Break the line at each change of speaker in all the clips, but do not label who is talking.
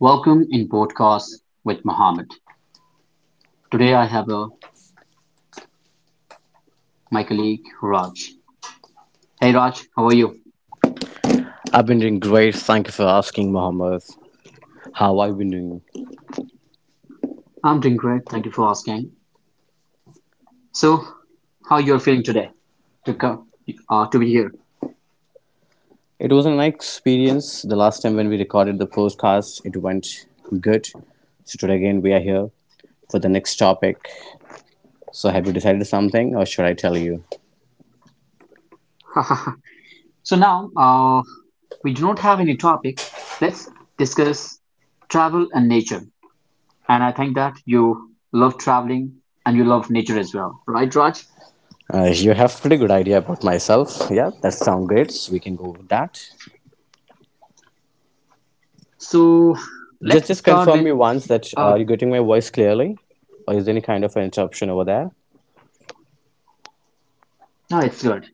Welcome in podcast with Mohammed. Today I have my colleague Raj. Hey Raj, how are you?
I've been doing great. Thank you for asking, Mohammed. How I've been doing?
I'm doing great. Thank you for asking. So, how you're feeling today to come to be here?
It was a nice experience. The last time when we recorded the podcast, it went good. So today again, we are here for the next topic. So have you decided something, or should I tell you?
So now we do not have any topic. Let's discuss travel and nature. And I think that you love traveling and you love nature as well, right, Raj?
You have pretty good idea about myself. Yeah, that sounds great. So we can go with that.
So
Just
let's
just
start
confirm me
with.
once that
Uh,
you're getting my voice clearly, or is there any kind of interruption over there?
no, it's good.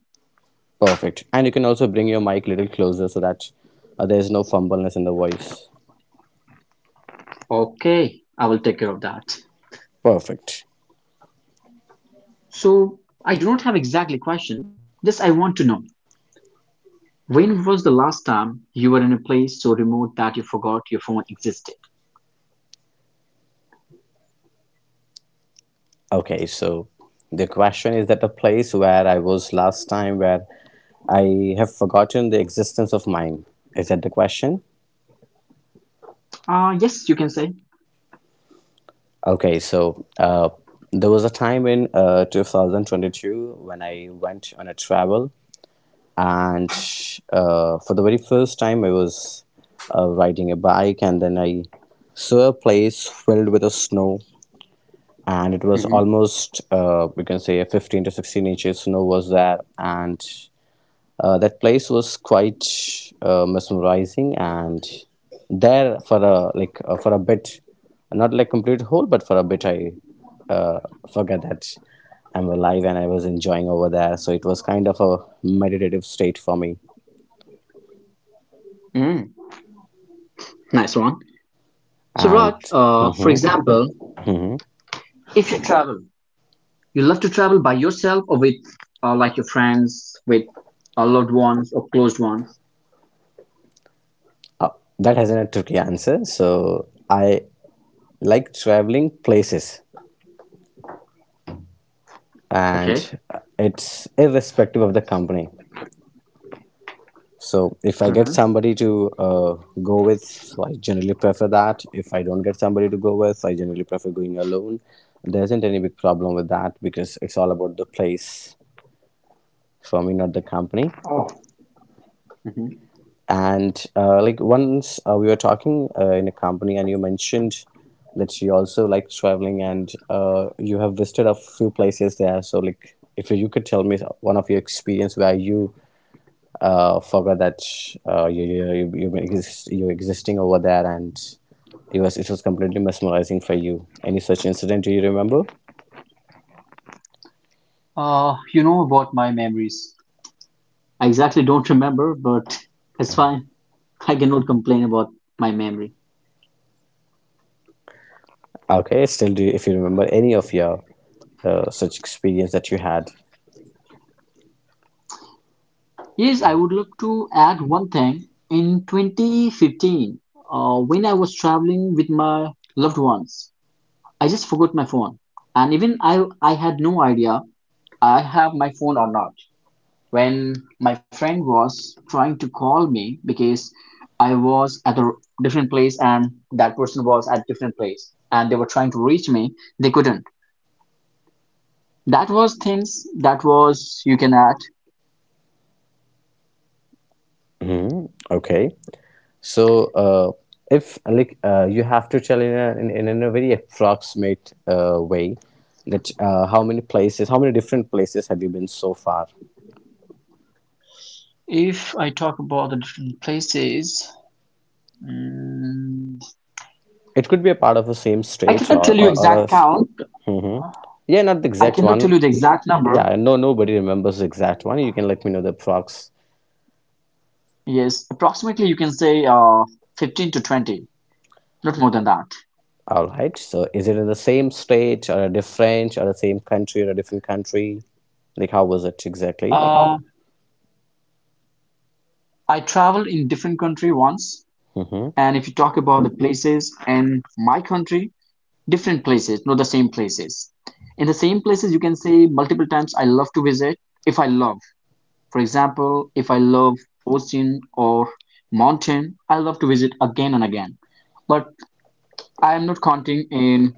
Perfect. And you can also bring your mic a little closer so that there is no fumbleness in the voice.
Okay, I will take care of that.
Perfect.
So I do not have exactly question. Just I want to know, when was the last time you were in a place so remote that you forgot your phone existed?
Okay, so the question is that a place where I was last time where I have forgotten the existence of mine. Is that the question?
Yes, you can say.
Okay, so there was a time in 2022 when I went on a travel, and for the very first time, I was riding a bike, and then I saw a place filled with a snow, and it was
Hmm.
almost we can say 15 to 16 inches snow was there, and that place was quite mesmerizing, and there for a bit, not like complete whole, but for a bit, I uh, forgot that I'm alive and I was enjoying over there. So it was kind of a meditative state for me,
Mm, nice one. So Raj,
and,
for
mhm,
example,
mhm.
if you travel, you love to travel by yourself or with like your friends, with loved ones or closed ones.
Uh, that hasn't a tricky answer. So I like traveling places,
Okay.
and it's irrespective of the company. So if I get
Hmm.
somebody to go with, so I generally prefer that. If I don't get somebody to go with, I generally prefer going alone. There isn't any big problem with that because it's all about the place for me, not the company.
Hmm.
And like once we were talking in a company, and you mentioned that you also like traveling and you have visited a few places there. So like, if you could tell me one of your experience where you forgot that exist, you were existing over there, and it was completely mesmerizing for you. Any such incident, do you remember?
You know about my memories. I exactly don't remember, but it's fine. I cannot complain about my memory.
Okay, still do if you remember any of your such experience that you had.
Yes, I would love to add one thing. In 2015, when I was traveling with my loved ones, I just forgot my phone. And even I had no idea I have my phone or not. When my friend was trying to call me because I was at a different place and that person was at different place and they were trying to reach me, they couldn't. That was things that was you can add.
Hmm. Okay, so if you have to tell in in a very approximate way, that how many different places have you been so far?
If I talk about the different places, mm,
It could be a part of the same
I
state
cannot
or
tell you
or, or a
exact
s-
count.
Mhm. Yeah, not the
I
exact
cannot
one.
tell you the exact number.
Yeah, no, nobody remembers the exact one. You can let me know the prox.
Yes, approximately you can say 15 to 20, not more than that.
All right. So, is it in the same state or a different, or the same country or a different country? Like, how was it exactly?
Uh, I traveled in different country once,
Mm-hmm.
and if you talk about the places in my country, different places, not the same places. In the same places, you can say multiple times I love to visit if I love. For example, if I love ocean or mountain, I love to visit again and again. But I am not counting in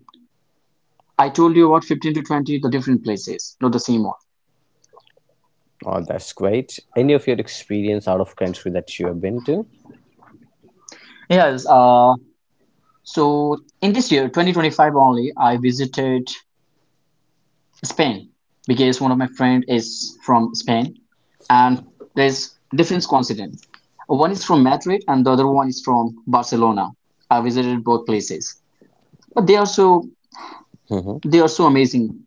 I told you about 15 to 20, the different places, not the same one.
Oh, that's great. Any of your experience out of country that you have been to?
Yes. So in this year, 2025 only, I visited Spain because one of my friend is from Spain, and there's different coincidence. One is from Madrid and the other one is from Barcelona. I visited both places, but
Hmm.
they are so amazing.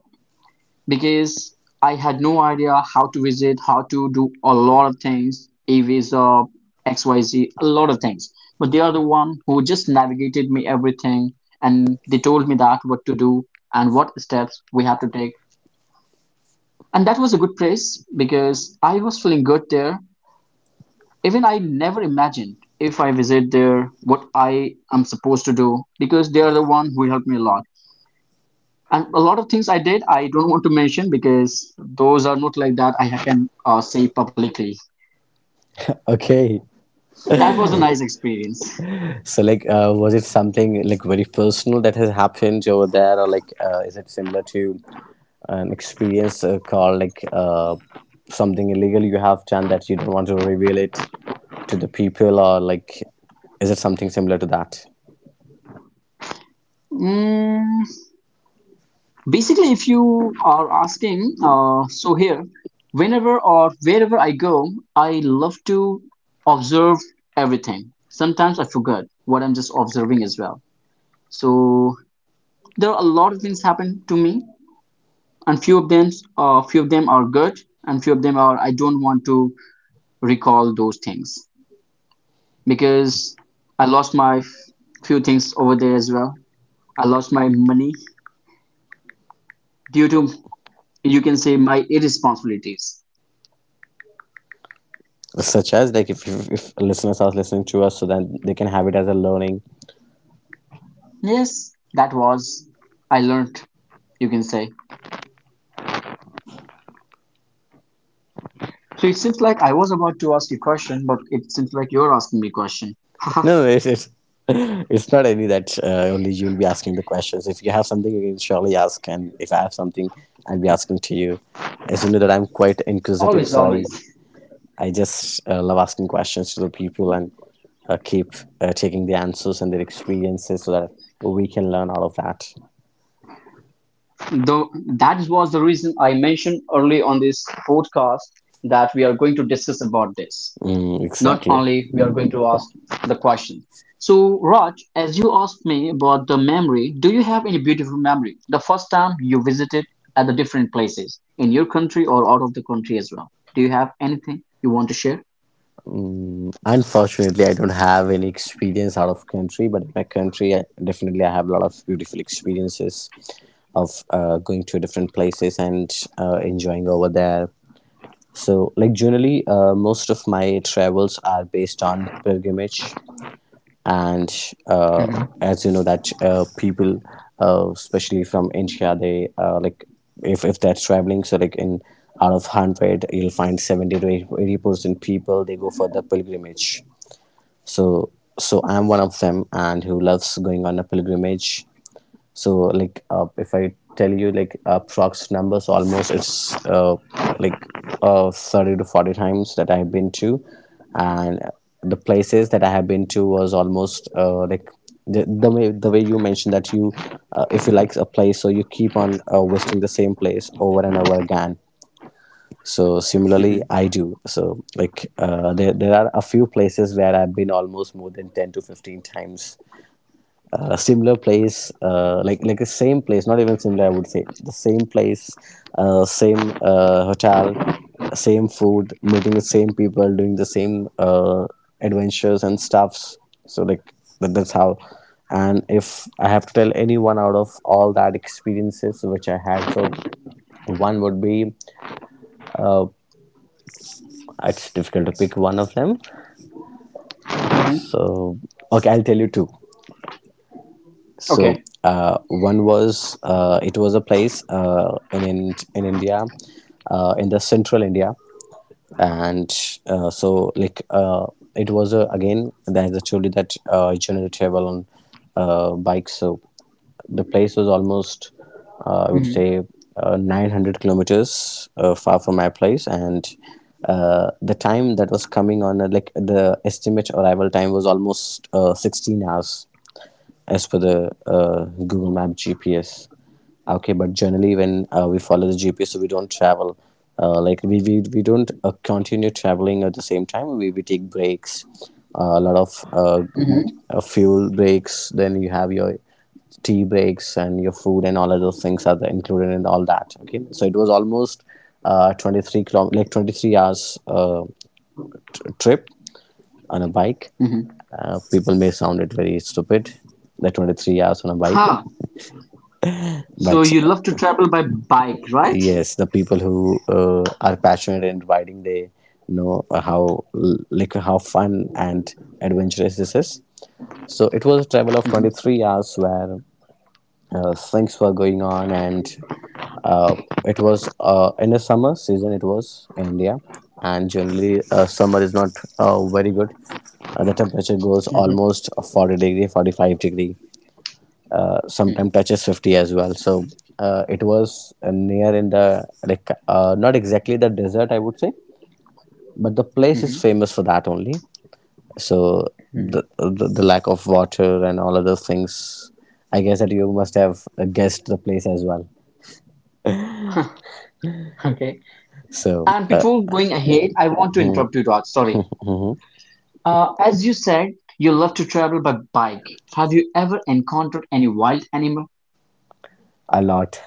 Because I had no idea how to visit, how to do a lot of things, e-visa, XYZ, lot of things. But they are the one who just navigated me everything and they told me that what to do and what steps we have to take. And that was a good place because I was feeling good there. Even I never imagined if I visit there what I am supposed to do because they are the one who helped me a lot. And a lot of things I did, I don't want to mention because those are not like that I can say publicly.
Okay.
That was a nice experience.
So, like, was it something like very personal that has happened over there, or like, is it similar to an experience, called something illegal you have done that you don't want to reveal it to the people? Or like, is it something similar to that,
Mm, basically, if you are asking, so here, whenever or wherever I go, I love to observe everything. Sometimes I forget what I'm just observing as well. So there are a lot of things happen to me, and few of them are good, and few of them are I don't want to recall those things. Because I lost my f- few things over there as well. I lost my money due to you can say my irresponsibilities.
such as, like, if listeners are listening to us, so then they can have it as a learning?
Yes, that was I learned you can say. So it seems like I was about to ask you a question, but it seems like you're asking me a question. Haha,
No, no, it's not any that, only you'll be asking the questions. If you have something, you can surely ask, and if I have something, I'll be asking to you. As you know that I'm quite inquisitive,
always,
so
always.
I just love asking questions to the people, and keep taking the answers and their experiences, so that we can learn out of that.
Though that was the reason I mentioned early on this podcast that we are going to discuss about this.
Mm,
Not
exactly.
only we are going to ask the question. So Raj, as you asked me about the memory, do you have any beautiful memory the first time you visited at the different places in your country or out of the country as well? Do you have anything you want to share?
Mm, unfortunately, I don't have any experience out of country, but in my country, definitely I have a lot of beautiful experiences of going to different places and enjoying over there. So, like generally, most of my travels are based on pilgrimage, and uh,
Hmm.
as you know, that people, especially from India, they like, if they're traveling, so like, in out of 100, you'll find 70 to 80% people they go for the pilgrimage. So so I'm one of them and who loves going on a pilgrimage. So like, if I tell you like approx numbers, almost it's like 30 to 40 times that I've been to. And the places that I have been to was almost like the way you mentioned that you, if you like a place, so you keep on visiting the same place over and over again. So similarly
Hmm.
I do. So like, there are a few places where I've been almost more than 10 to 15 times. Similar place, like the same place. Not even similar, I would say, the same place. Same hotel, same food, meeting the same people, doing the same adventures and stuffs. So like that, that's how. And if I have to tell anyone out of all that experiences which I had, so one would be. uh, It's difficult to pick one of them.
Hmm.
So, okay, I'll tell you two. So
Okay.
one was it was a place in India, in the central India, and so like, again as I told you that I generally travel on bike. So the place was almost I would
Hmm.
say 900 kilometers far from my place and. The time that was coming on, like the estimate arrival time was almost 16 hours as per the Google Map GPS. Okay, but generally when we follow the GPS, so we don't travel. Like, we don't continue traveling at the same time. We take breaks, a lot of
Hmm.
fuel breaks. Then you have your tea breaks and your food, and all of those things are there included in all that. Okay, so it was almost 23 km, like 23 hours trip on a bike.
Hmm.
People may sound it very stupid, the 23 hours on a bike.
Huh. So
But
you love to travel by bike, right?
yes, the people who are passionate in riding, they know how fun and adventurous this is. So it was a travel of
Hmm.
23 hours where things were going on, and uh, it was in the summer season. It was in India. And generally summer is not very good. The temperature goes
Hmm.
almost 40 degree 45 degree,
Hmm.
sometimes touches 50 as well. So it was near in the, not exactly the desert, I would say, but the place is
Hmm.
famous for that only. So the,
Hmm.
the the lack of water and all other things. I guess that you must have guessed the place as well.
Okay.
So
And before going ahead, I want to interrupt you, Raj. Sorry. As you said, you love to travel by bike. Have you ever encountered any wild animal?
a lot.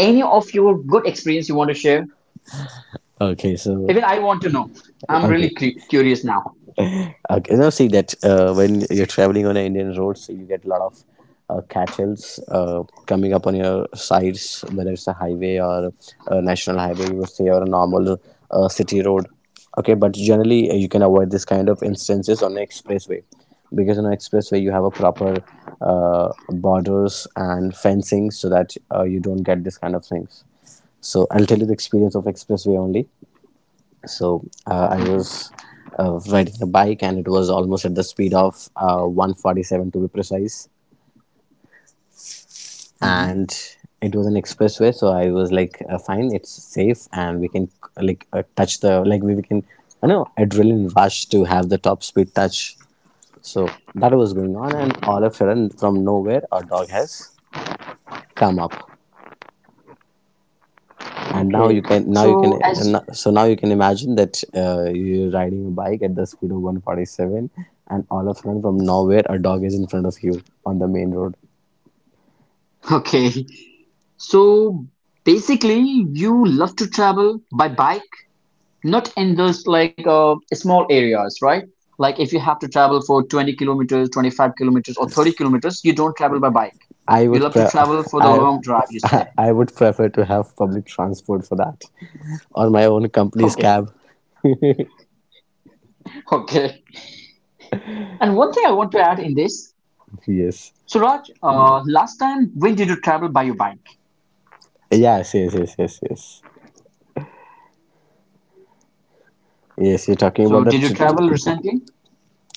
Any of your good experience you want to share?
Okay, so
Even I want to know. I'm really
okay.
curious now.
Okay, now see that when you're traveling on an Indian road, so you get a lot of cattles coming up on your sides, whether it's a highway or a national highway, you would say, or a normal city road. Okay, but generally you can avoid this kind of instances on an expressway, because on an expressway you have a proper borders and fencing, so that you don't get this kind of things. So I'll tell you the experience of expressway only. So I
Mhm,
was riding a bike, and it was almost at the speed of 147 to be precise.
mhm.
And it was an expressway, so I was like, fine, it's safe, and we can, touch the, we can, you know, adrenaline rush to have the top speed touch. So that was going on, and all of a sudden from nowhere a dog has come up. And
Okay.
now you can
So
and
as
no- so now you can imagine that you're riding a bike at the speed of 147, and all of a sudden from nowhere a dog is in front of you on the main road.
okay, so basically you love to travel by bike, not in those like small areas, right? Like if you have to travel for 20 kilometers, 25 kilometers, or 30 kilometers, you don't travel by bike.
i
You
would
love to
pre-
travel for the
i
long drive, you say.
I would prefer to have public transport for that, or my own company's
Okay.
cab.
Okay. And one thing I want to add in this,
Yes.
Suraj, last time when did you travel by your bike?
Yes, yes, yes, yes, yes. Yes, you're talking
So
about the
did you travel recently?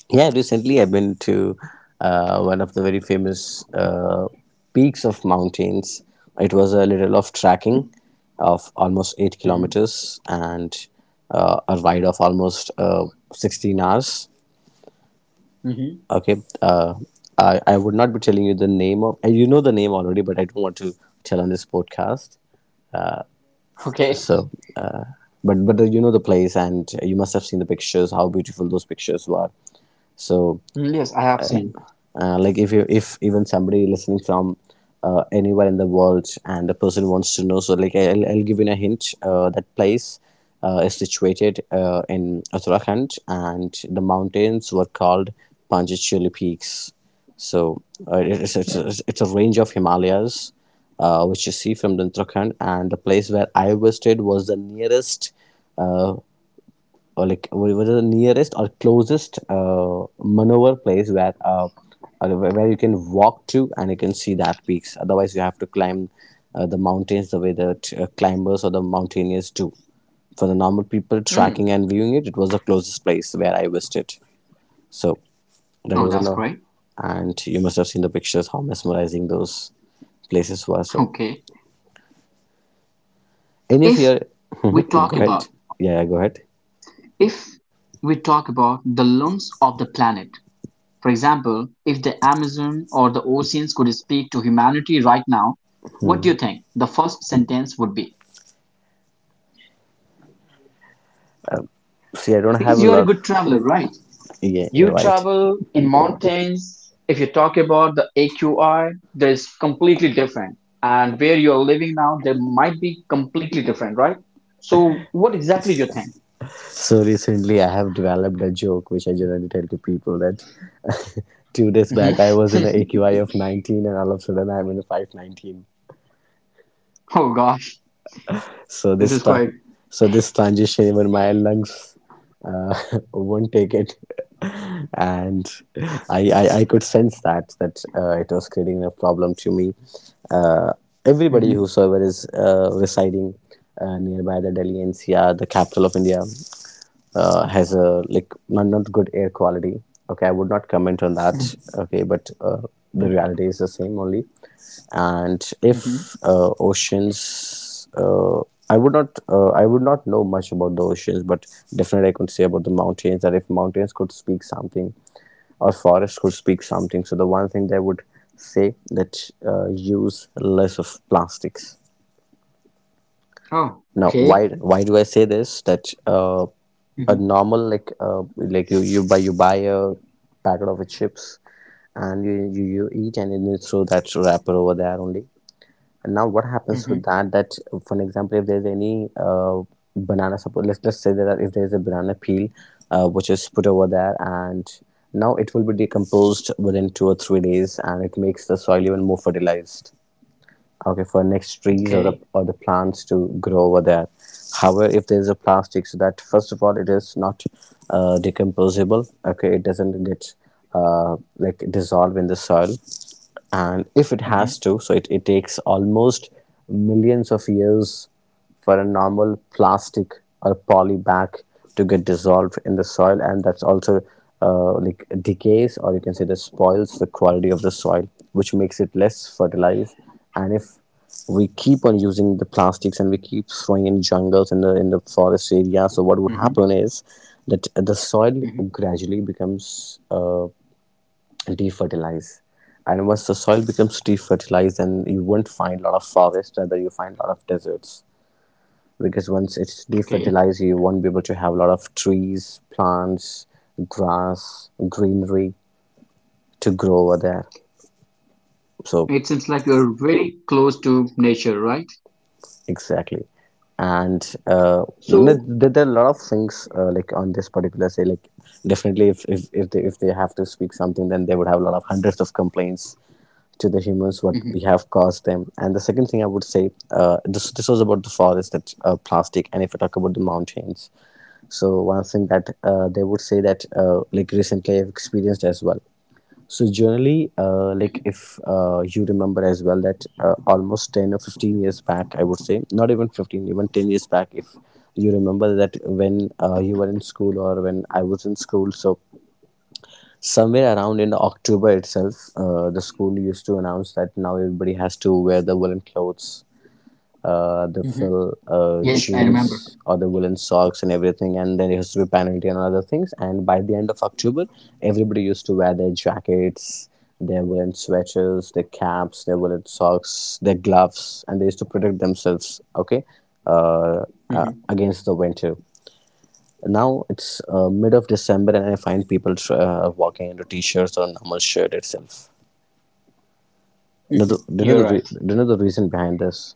Yeah, recently I've been to one of the very famous peaks of mountains. It was a little of trekking of almost eight
Mm-hmm.
kilometers and a ride of almost 16 hours.
Mm-hmm.
Okay, I would not be telling you the name of, and you know the name already, but I don't want to tell on this podcast.
Okay.
So, uh, but you know the place, and you must have seen the pictures, how beautiful those pictures were. So.
Mm, yes, I have seen.
Like, if even somebody listening from anywhere in the world and the person wants to know, so like, I'll give you a hint. That place is situated in Uttarakhand, and the mountains were called Panchachuli Peaks. So it's a range of Himalayas, which you see from the Uttarakhand, and the place where I visited was the nearest, uh, or like, what the nearest or closest maneuver place, where you can walk to and you can see that peaks. Otherwise, you have to climb the mountains the way that climbers or the mountaineers do. For the normal people
Mm.
tracking and viewing it, it was the closest place where I visited. So that
Oh,
was a
that's
no.
great.
And you must have seen the pictures how mesmerizing those places were. So,
Okay.
any of
If
your
we talk
go
about
ahead. Yeah, go ahead.
if we talk about the lungs of the planet, for example, if the Amazon or the oceans could speak to humanity right now, what
Hmm.
do you think the first sentence would be?
See, I don't have
Because
a
you are a
lot.
good traveler, right?
Yeah, you're
You
right.
travel in mountains, if you talk about the AQI, there's completely different. And where you're living now, they might be completely different, right? So what exactly you think?
So recently, I have developed a joke which I generally tell to people, that 2 days
Mhm.
back I was in an AQI of 19, and all of a sudden I'm in a 519.
Oh gosh,
So
this
this
is
ta-
quite.
so this transition, even my lungs uh, won't take it. And I could sense that it was creating a problem to me. Uh, Everybody
Mhm,
whosoever is residing nearby the Delhi NCR, the capital of India, has a, like, not good air quality. Okay, I would not comment on that.
mhm,
Okay, but the reality is the same only. And
mhm.
if oceans, I would not know much about the oceans, but definitely I could say about the mountains, that if mountains could speak something or forest could speak something, so the one thing they would say that use less of plastics.
Oh,
Now,
okay.
why do I say this? That a
Mhm,
normal, like, like, you buy a packet of chips, and you eat and then you throw that wrapper over there only. And now what happens with
mhm.
that? That, for an example, if there's any banana, suppose let's say that if there's a banana peel, which is put over there. And now it will be decomposed within 2 or 3 days, and it makes the soil even more fertilized, okay, for next trees or
Okay.
the plants to grow over there. However, if there is a plastic, so that, first of all, it is not decomposable, okay, it doesn't get like, dissolve in the soil. And if it
Mhm,
has to, so it takes almost millions of years for a normal plastic or poly bag to get dissolved in the soil, and that's also like, decays, or you can say the spoils the quality of the soil, which makes it less fertilized. And if we keep on using the plastics and we keep throwing in jungles, in the forest area, so what would
mhm,
happen is that the soil
mhm.
gradually becomes defertilized. And once the soil becomes defertilized, then you won't find a lot of forests, rather you find a lot of deserts. Because once it's
Okay.
defertilized, you won't be able to have a lot of trees, plants, grass, greenery to grow over there. So
It seems like you're very close to nature, right?
exactly. And uh, n-
So,
there, there are a lot of things, like, on this particular, say, like, definitely, if they have to speak something, then they would have a lot of hundreds of complaints to the humans, what we
mhm,
have caused them. And the second thing I would say, this was about the forest, that plastic. And if I talk about the mountains, so one thing that they would say, that like, recently I've experienced as well. So generally, like, if you remember as well, that almost 10 or 15 years back, I would say, not even 15, even 10 years back, if you remember, that when you were in school or when I was in school, so, somewhere around in October itself, the school used to announce that now everybody has to wear the woolen clothes, the
mhm.
fill,
Yes, I remember.
jeans or the woolen socks and everything, and then it used to be penalty and other things. And by the end of October, everybody used to wear their jackets, their woolen sweaters, their caps, their woolen socks, their gloves, and they used to protect themselves, okay, uh,
Mhm,
against the winter. Now it's mid of December, and I find people walking into t-shirts or normal shirt itself. do you know the,
mhm.
do you
You're
know the,
right.
you know the reason behind this?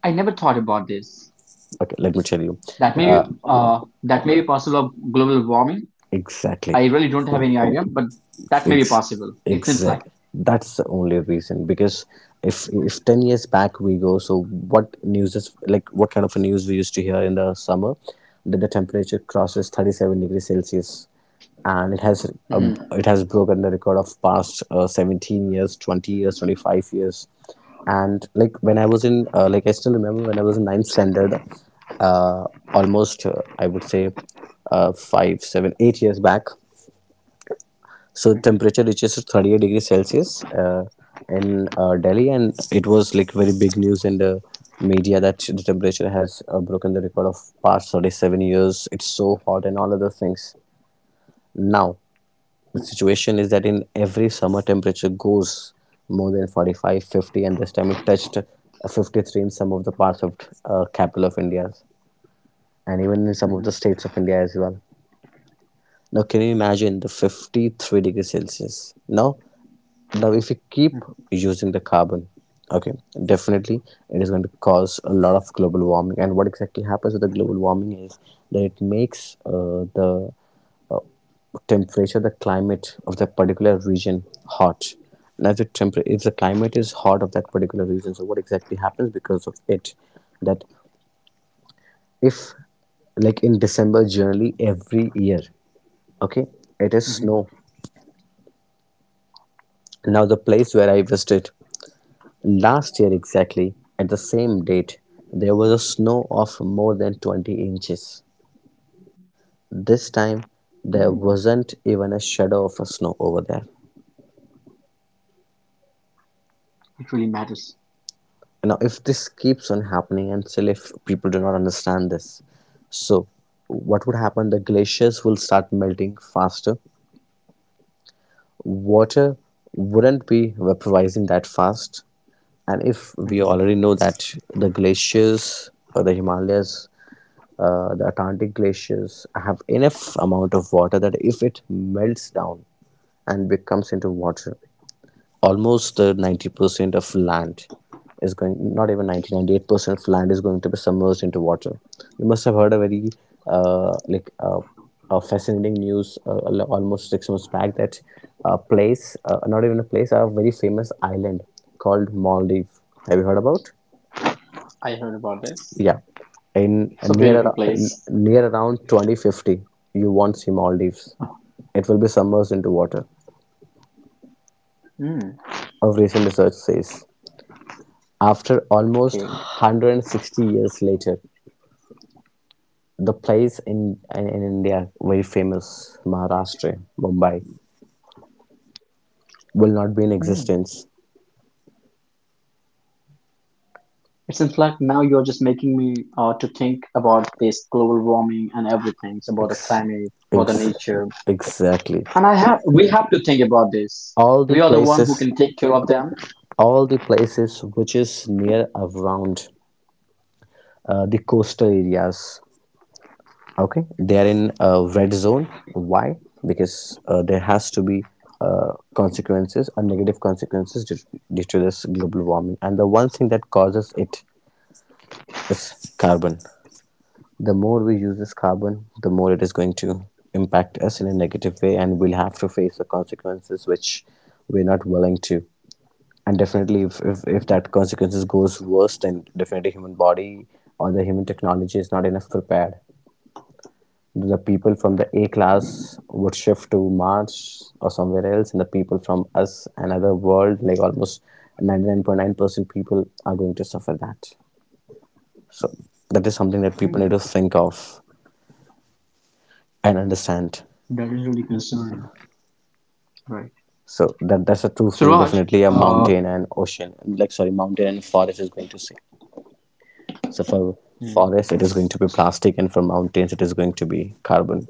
I never thought about this.
Okay, let me tell you. uh,
That may be possible of global warming. I
exactly.
really don't have any idea, but that may be
Ex-
possible. It seems like.
exactly. That's the only reason. Because if, 10 years back we go, so what news is, like, what kind of a news we used to hear in the summer? That the temperature crosses 37 degrees Celsius, and
Hmm.
it has broken the record of past, 17 years, 20 years, 25 years. And, like, when I was in, like I still remember when I was in ninth standard, uh, almost, I would say, five, seven, 8 years back. So temperature reaches to 38 degree Celsius, in Delhi, and it was like very big news in the media that the temperature has broken the record of past 37 years. It's so hot and all other things. Now the situation is that in every summer temperature goes more than 45, 50, and this time it touched, 53, in some of the parts of, capital of India, and even in some of the
Hmm.
states of India as well. Now, can you imagine, the 53 degrees Celsius? Now, if you keep
Hmm.
using the carbon, okay, definitely it is going to cause a lot of global warming. And what exactly happens with the global warming is that it makes the temperature, the climate of that particular region, hot. Now, if the temper if the climate is hot of that particular region, so what exactly happens because of it? That, if, like, in December generally every year, okay, it is
Hmm.
snow. Now, the place where I visited last year, exactly at the same date, there was a snow of more than 20 inches. This time, there
Mm.
wasn't even a shadow of a snow over there.
It really matters.
Now, if this keeps on happening, and still if people do not understand this, so what would happen? The glaciers will start melting faster, water wouldn't be vaporizing that fast. And if we
Hmm.
already know that the glaciers or the Himalayas, the Atlantic glaciers have enough amount of water, that if it melts down and becomes into water, almost, 90% of land is going, not even ninety ninety eight percent of land is going to be submerged into water. You must have heard a very, uh, like uh, a fascinating news, almost 6 months back, that a place, not even a place, a very famous island called Maldives. Have you heard about?
I heard about this.
Yeah, in
It's a
near
beautiful
ar- n-
place.
near around 2050 you won't see Maldives, it will be submerged into water.
Mm.
Of recent research says, after almost one
Okay.
hundred and sixty years later, the plays in India, very famous Maharashtra, Mumbai, will not be in
Mm.
existence.
It seems like now you're just making me to think about this global warming and everything. It's about the
Ex-
climate, about the
ex-
nature,
exactly.
and I have we have to think about this.
All the
We are the one who
places,
can take care of
which is near around the coastal areas. Okay, they are in a red zone. Why? Because there has to be consequences, and negative consequences due to this global warming. And the one thing that causes it is carbon. The more we use this carbon, the more it is going to impact us in a negative way, and we'll have to face the consequences, which we're not willing to. And definitely, if that
them.
consequences goes worse, then definitely human body or the human technology is not enough prepared. The people from the A class would shift to Mars or somewhere else, and the people from us, another world, like, almost 99.9% people are going to suffer that. So that is something that people need to think of and understand.
Right.
So that
So
that's a true
Raj,
thing. Definitely
uh,
a mountain and ocean, like, sorry, mountain and forest is going to say. So for
mm,
forest, it is going to be plastic, and for mountains, it is going to be carbon.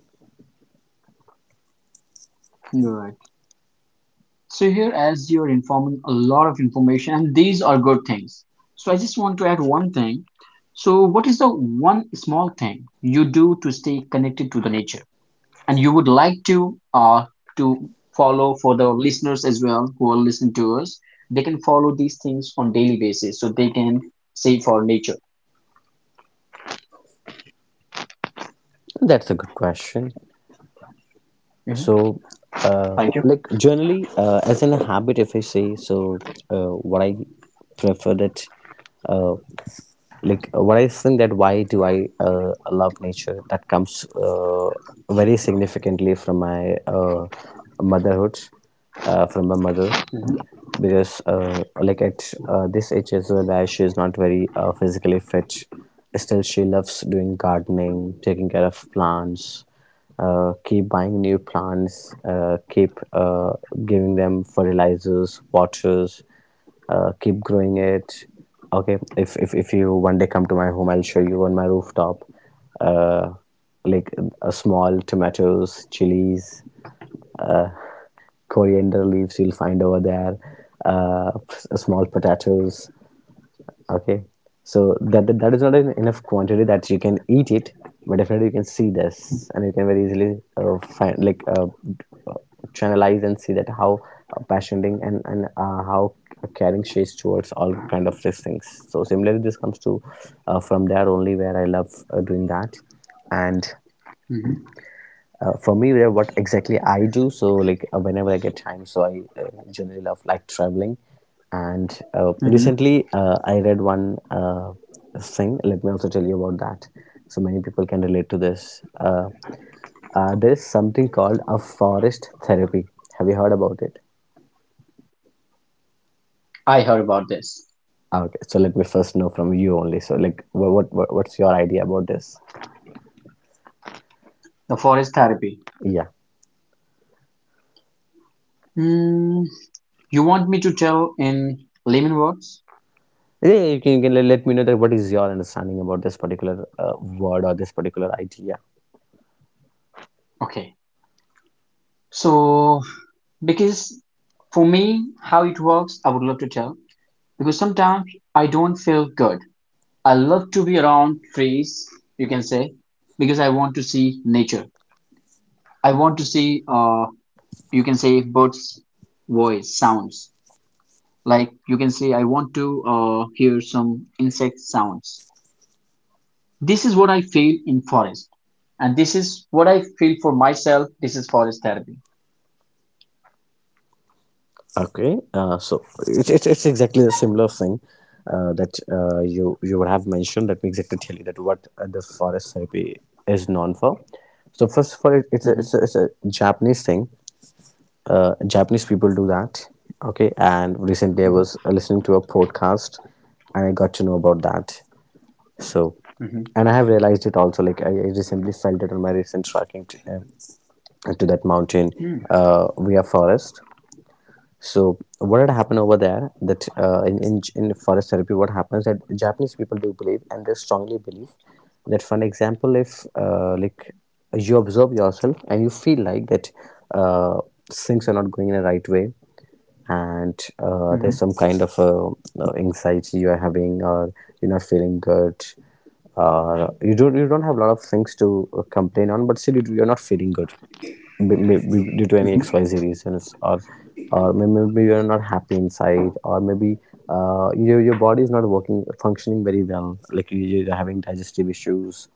you're right. So here, as you're informing a lot of information, and these are good things. So I just want to add one thing. So what is the one small thing you do to stay connected to the nature, and you would like to follow for the listeners as well who are listening to us? They can follow these things on daily basis, so they can save for nature.
That's a good question.
Mhm.
So,
Thank
like generally, as in a habit, if I say so, what I prefer that uh, like, what I think, that why do I love nature, that comes very significantly from my motherhood, from my mother.
you. Mhm.
Because like at this age as well, where she is not very physically fit, still she loves doing gardening, taking care of plants, keep buying new plants, keep giving them fertilizers, waters, keep growing it. Okay, if you one day come to my home, I'll show you on my rooftop uh, like, small tomatoes, chilies, uh, coriander leaves you'll find over there, uh, small potatoes. Okay, so that is not enough quantity that you can eat it, but definitely you can see this, and you can very easily find like uh, channelize and see that how passioning and how caring she is towards all kind of these things. So similarly, this comes to from there only, where I love doing that. And
Mhm.
for me, yeah, what exactly I do, so like whenever I get time, so I generally love like traveling. And
Mhm.
recently I read one uh, thing, let me also tell you about that, so many people can relate to this. uh, there is something called a forest therapy. Have you heard about it?
I heard about this.
Ah, okay, so let me first know from you only, so like what's your idea about this?
The forest therapy.
Yeah,
Hmm. You want me to tell in layman words?
yeah, you can let me know that what is your understanding about this particular uh, word or this particular idea.
Okay. So, because for me, how it works, I would love to tell because sometimes I don't feel good. I love to be around trees, you can say, because I want to see nature. I want to see, you can say, birds' voice sounds. Like you can say, I want to hear some insect sounds. This is what I feel in forest, and this is what I feel for myself. This is forest therapy.
Okay, so it's exactly the similar thing that you would have mentioned. Let me exactly tell you that what the forest therapy is known for. So first of all, it, it's, a, it's, a,
Mhm.
it's a Japanese thing. Japanese people do that. Okay, and recently I was
Mhm,
listening to a podcast, and I got to know about that. So,
mhm,
and I have realized it also. Like I recently felt it on my recent trekking to that mountain
mhm,
via forest. So what had happened over there, that in, in forest therapy, what happens that Japanese people do believe, and they strongly believe that, for an example, if like you observe yourself and you feel like that uh, things are not going in the right way, and there's
mhm,
some kind of anxiety you are having, or you're not feeling good, or you don't have a lot of things to complain on, but still you're not feeling good b- due to any
mhm,
xyz reasons, or maybe you're not happy inside, or maybe your body is not working, functioning very well, like you're having digestive issues,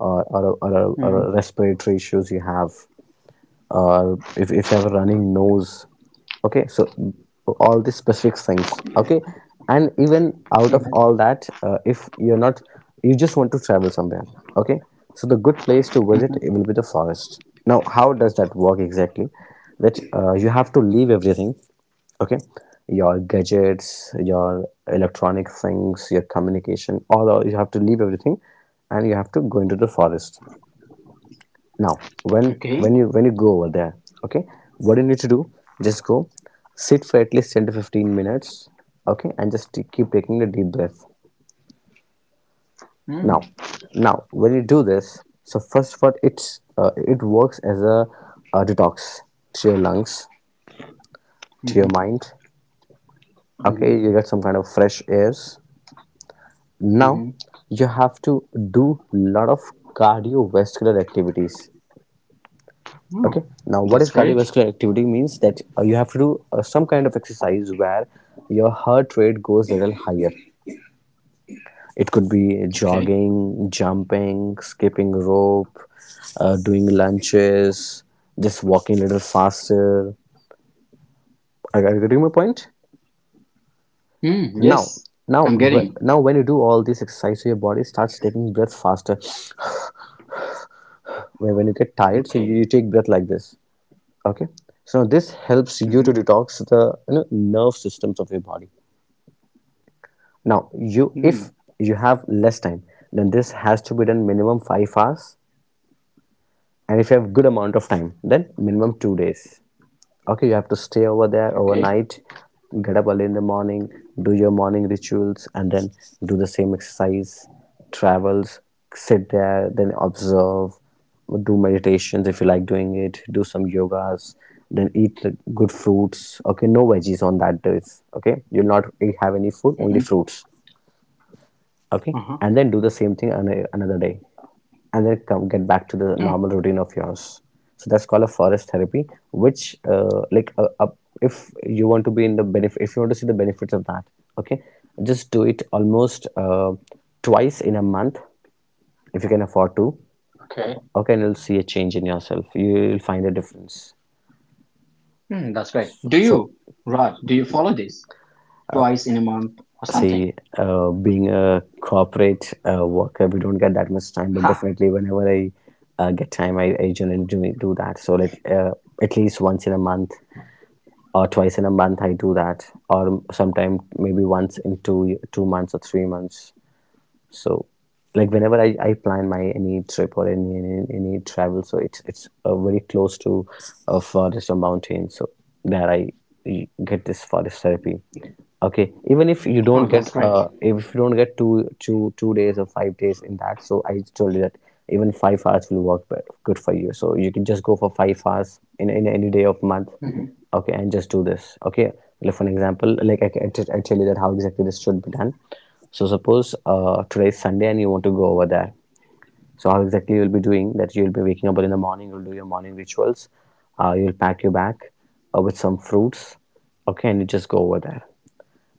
or
mhm,
respiratory issues you have, or if you have a running nose. Okay, so all these specific things. Okay, and even out of all
mhm.
that, if you're not, you just want to travel somewhere, okay, so the good place to visit
Mm.
will be the forest. Now how does that work exactly? That you have to leave everything. Okay, your gadgets, your electronic things, your communication, you have to leave everything, and you have to go into the forest. Now when
Okay.
when you when you go over there, okay, what you need to do, just go, sit for at least 10 to 15 minutes, okay, and just keep taking a deep breath. Now,
Mm,
now when you do this, so first of all, it works as a detox to your lungs, to your
mhm,
mind. Okay,
mhm,
you get some kind of fresh airs. Now,
mhm.
you have to do a lot of cardiovascular activities. Okay,
Oh,
now what
that's
is
great.
cardiovascular activity? Means that you have to do some kind of exercise where your heart rate goes a little higher. It could be
Okay.
jogging, jumping, skipping rope, doing lunges, just walking a little faster. Are you getting my point?
Mm, yes,
Now, now
I'm getting.
now when you do all these exercises, so your body starts taking breath faster. When you get tired, so you
Okay.
take breath like this. Okay, so this helps you to
Mm-hmm.
detox the, you know, nerve systems of your body. Now, you
Mm,
if you have less time, then this has to be done minimum 5 hours. And if you have good amount of time, then minimum 2 days. Okay, you have to stay over there
okay.
overnight, get up early in the morning, do your morning rituals, and then do the same exercise, travels, sit there, then observe, do meditations if you like doing it, do some yogas, then eat good fruits. Okay, no veggies on that days. Okay, you'll not have any food, only
Mm-hmm.
fruits. Okay,
Uh-huh.
and then do the same thing on a, another day, and then come get back to the
Oh,
normal routine of yours. So that's called a forest therapy, which if you want to be in the benefit, if you want to see the benefits of that, okay, just do it almost twice in a month, if you can afford to.
okay.
Okay, and you'll see a change in yourself, you'll find a difference.
Mm, that's great. Do
So
you, Rod, do you follow this twice in a month or something?
see, being a corporate worker, we don't get that much time, but
Ha!
definitely whenever I get time, I generally do that. So like at least once in a month or twice in a month I do that, or sometime maybe once in 2 2 months or 3 months. So, like whenever I plan my any trip or any travel, so it's very close to a forest or mountain. So there I get this forest therapy. Okay, even if you
Oh,
don't
that's
get
great.
if you don't get 2 2 2 days or 5 days in that, so I told you that even 5 hours will work good for you. So you can just go for 5 hours in any day of month.
Mm-hmm.
Okay, and just do this. Okay, like for an example, like I tell you that how exactly this should be done. So suppose today is Sunday and you want to go over there. So how exactly you'll be doing that? You'll be waking up in the morning, you'll do your morning rituals, you'll pack your bag with some fruits. Okay, and you just go over there.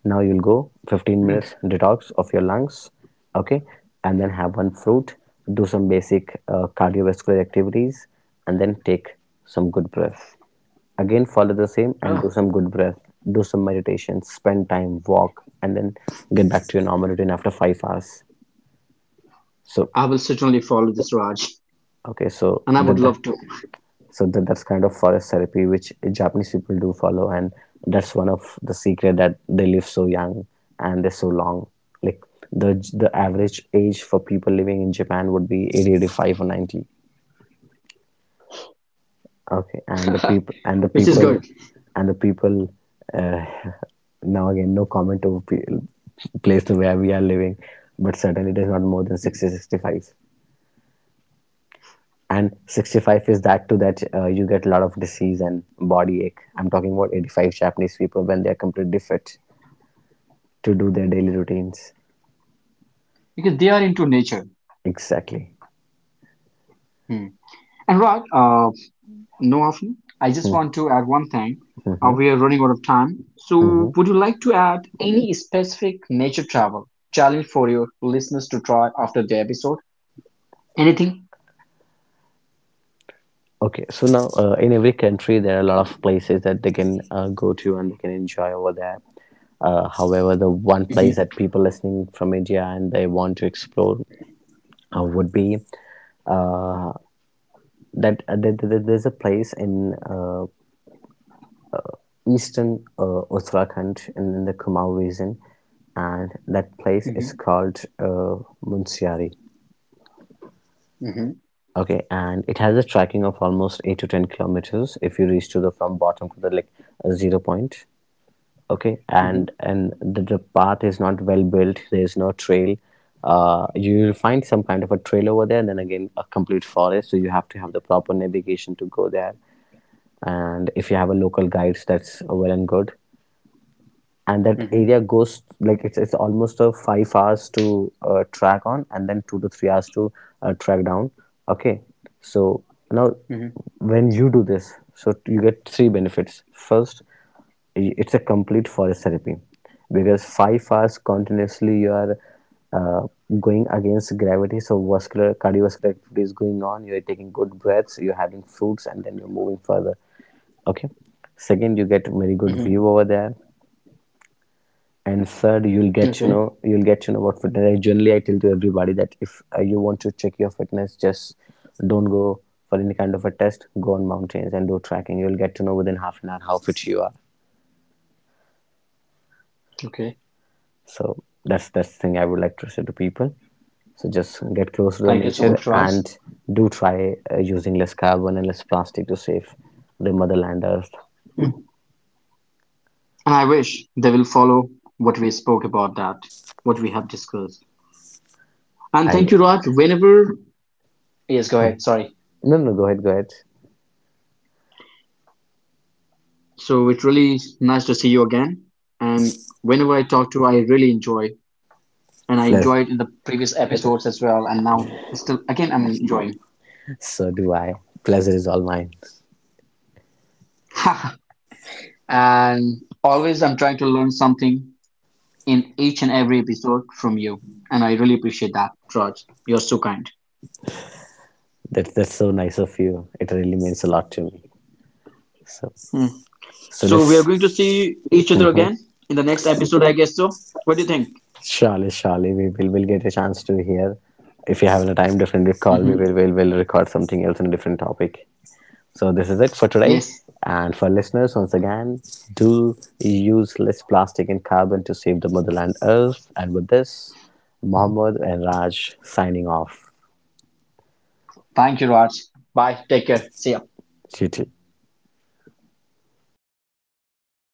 Now you'll go 15
Mm.
minutes detox of your lungs. Okay, and then have one fruit, do some basic cardiovascular activities, and then take some good breath. Again follow the same and do
Oh,
some good breath, do some meditation, spend time, walk, and then get back to your normal routine after 5 hours. So
I will certainly follow this, Raj,
okay, so
and I would
that, that
love to,
so that's kind of forest therapy which Japanese people do follow, and that's one of the secret that they live so young, and they're so long. Like the average age for people living in Japan would be 80, 85, or 90. Okay, and
which is good.
the people uh, now again no comment to place to where we are living, but certainly it is not more than
Mm.
60, 65. And 65 is that too that you get a lot of disease and body ache. I'm talking about 85 Japanese people when they are completely fit to do their daily routines.
Because they are into nature.
Exactly.
Hmm. And Raj, no, Afi, I just want to add one thing.
Mm-hmm.
We are running out of time.
Mm-hmm.
So, would you like to add any specific nature travel challenge for your listeners to try after the episode? Anything?
Okay, so now in every country there are a lot of places that they can go to and they can enjoy over there. However, the one place that
Mm-hmm,
people listening from India and they want to explore would be uh, that there's a place in eastern Uttarakhand and in the Kumaon region, and that place is
mm-hmm,
called Munsiari.
mm-hmm,
Okay, and it has a trekking of almost 8 to 10 kilometers if you reach to the from bottom to the like zero point. Okay,
mm-hmm,
and the path is not well built. There is no trail. You will find some kind of a trail over there, and then again a complete forest. So you have to have the proper navigation to go there. And if you have a local guides, that's well and good. And that
mm-hmm,
area goes like it's almost a 5 hours to track on and then 2 to 3 hours to track down. Okay, so now
mm-hmm,
when you do this, so you get three benefits. First, it's a complete forest therapy, because 5 hours continuously you are uh, going against gravity, so vascular cardiovascular activity is going on, you're taking good breaths, you're having fruits, and then you're moving further. Okay, second, you get very good
mm-hmm.
view over there. And third, you'll get to
Okay,
know, you'll get to know about fitness. I generally I tell to everybody that if you want to check your fitness, just don't go for any kind of a test, go on mountains and do tracking, you'll get to know within half an hour how fit you are.
okay.
So that's the thing I would like to say to people. So just get close to the
Thank you so
nature,
much, Raj.
and do try using less carbon and less plastic to save the motherland earth.
And I wish they will follow what we spoke about that, what we have discussed. And
I
thank you, Raj. Whenever. Yes, go
Mm.
ahead. Sorry.
no no Go ahead, go ahead.
So, it's really nice to see you again. And whenever I talk to you, I really enjoy and I
Pleasure.
enjoyed in the previous episodes as well. And now, still, again, I'm enjoying.
So do I, pleasure is all mine.
And always, I'm trying to learn something in each and every episode from you. And I really appreciate that, Raj. You're so kind.
That's so nice of you. It really means a lot to me. So
Hmm.
so
So, we are
let's,
going to see each other
mm-hmm.
again in the next episode, I guess so. What do you think?
Surely we will get a chance to hear. If you have the time, definitely call me.
Hmm.
We'll record something else on a different topic. So this is it for today.
Yes.
And for listeners, once again, do use less plastic and carbon to save the motherland Earth. And with this, Mohammed and Raj signing off.
Thank you, Raj. Bye. Take care. See ya.
T T.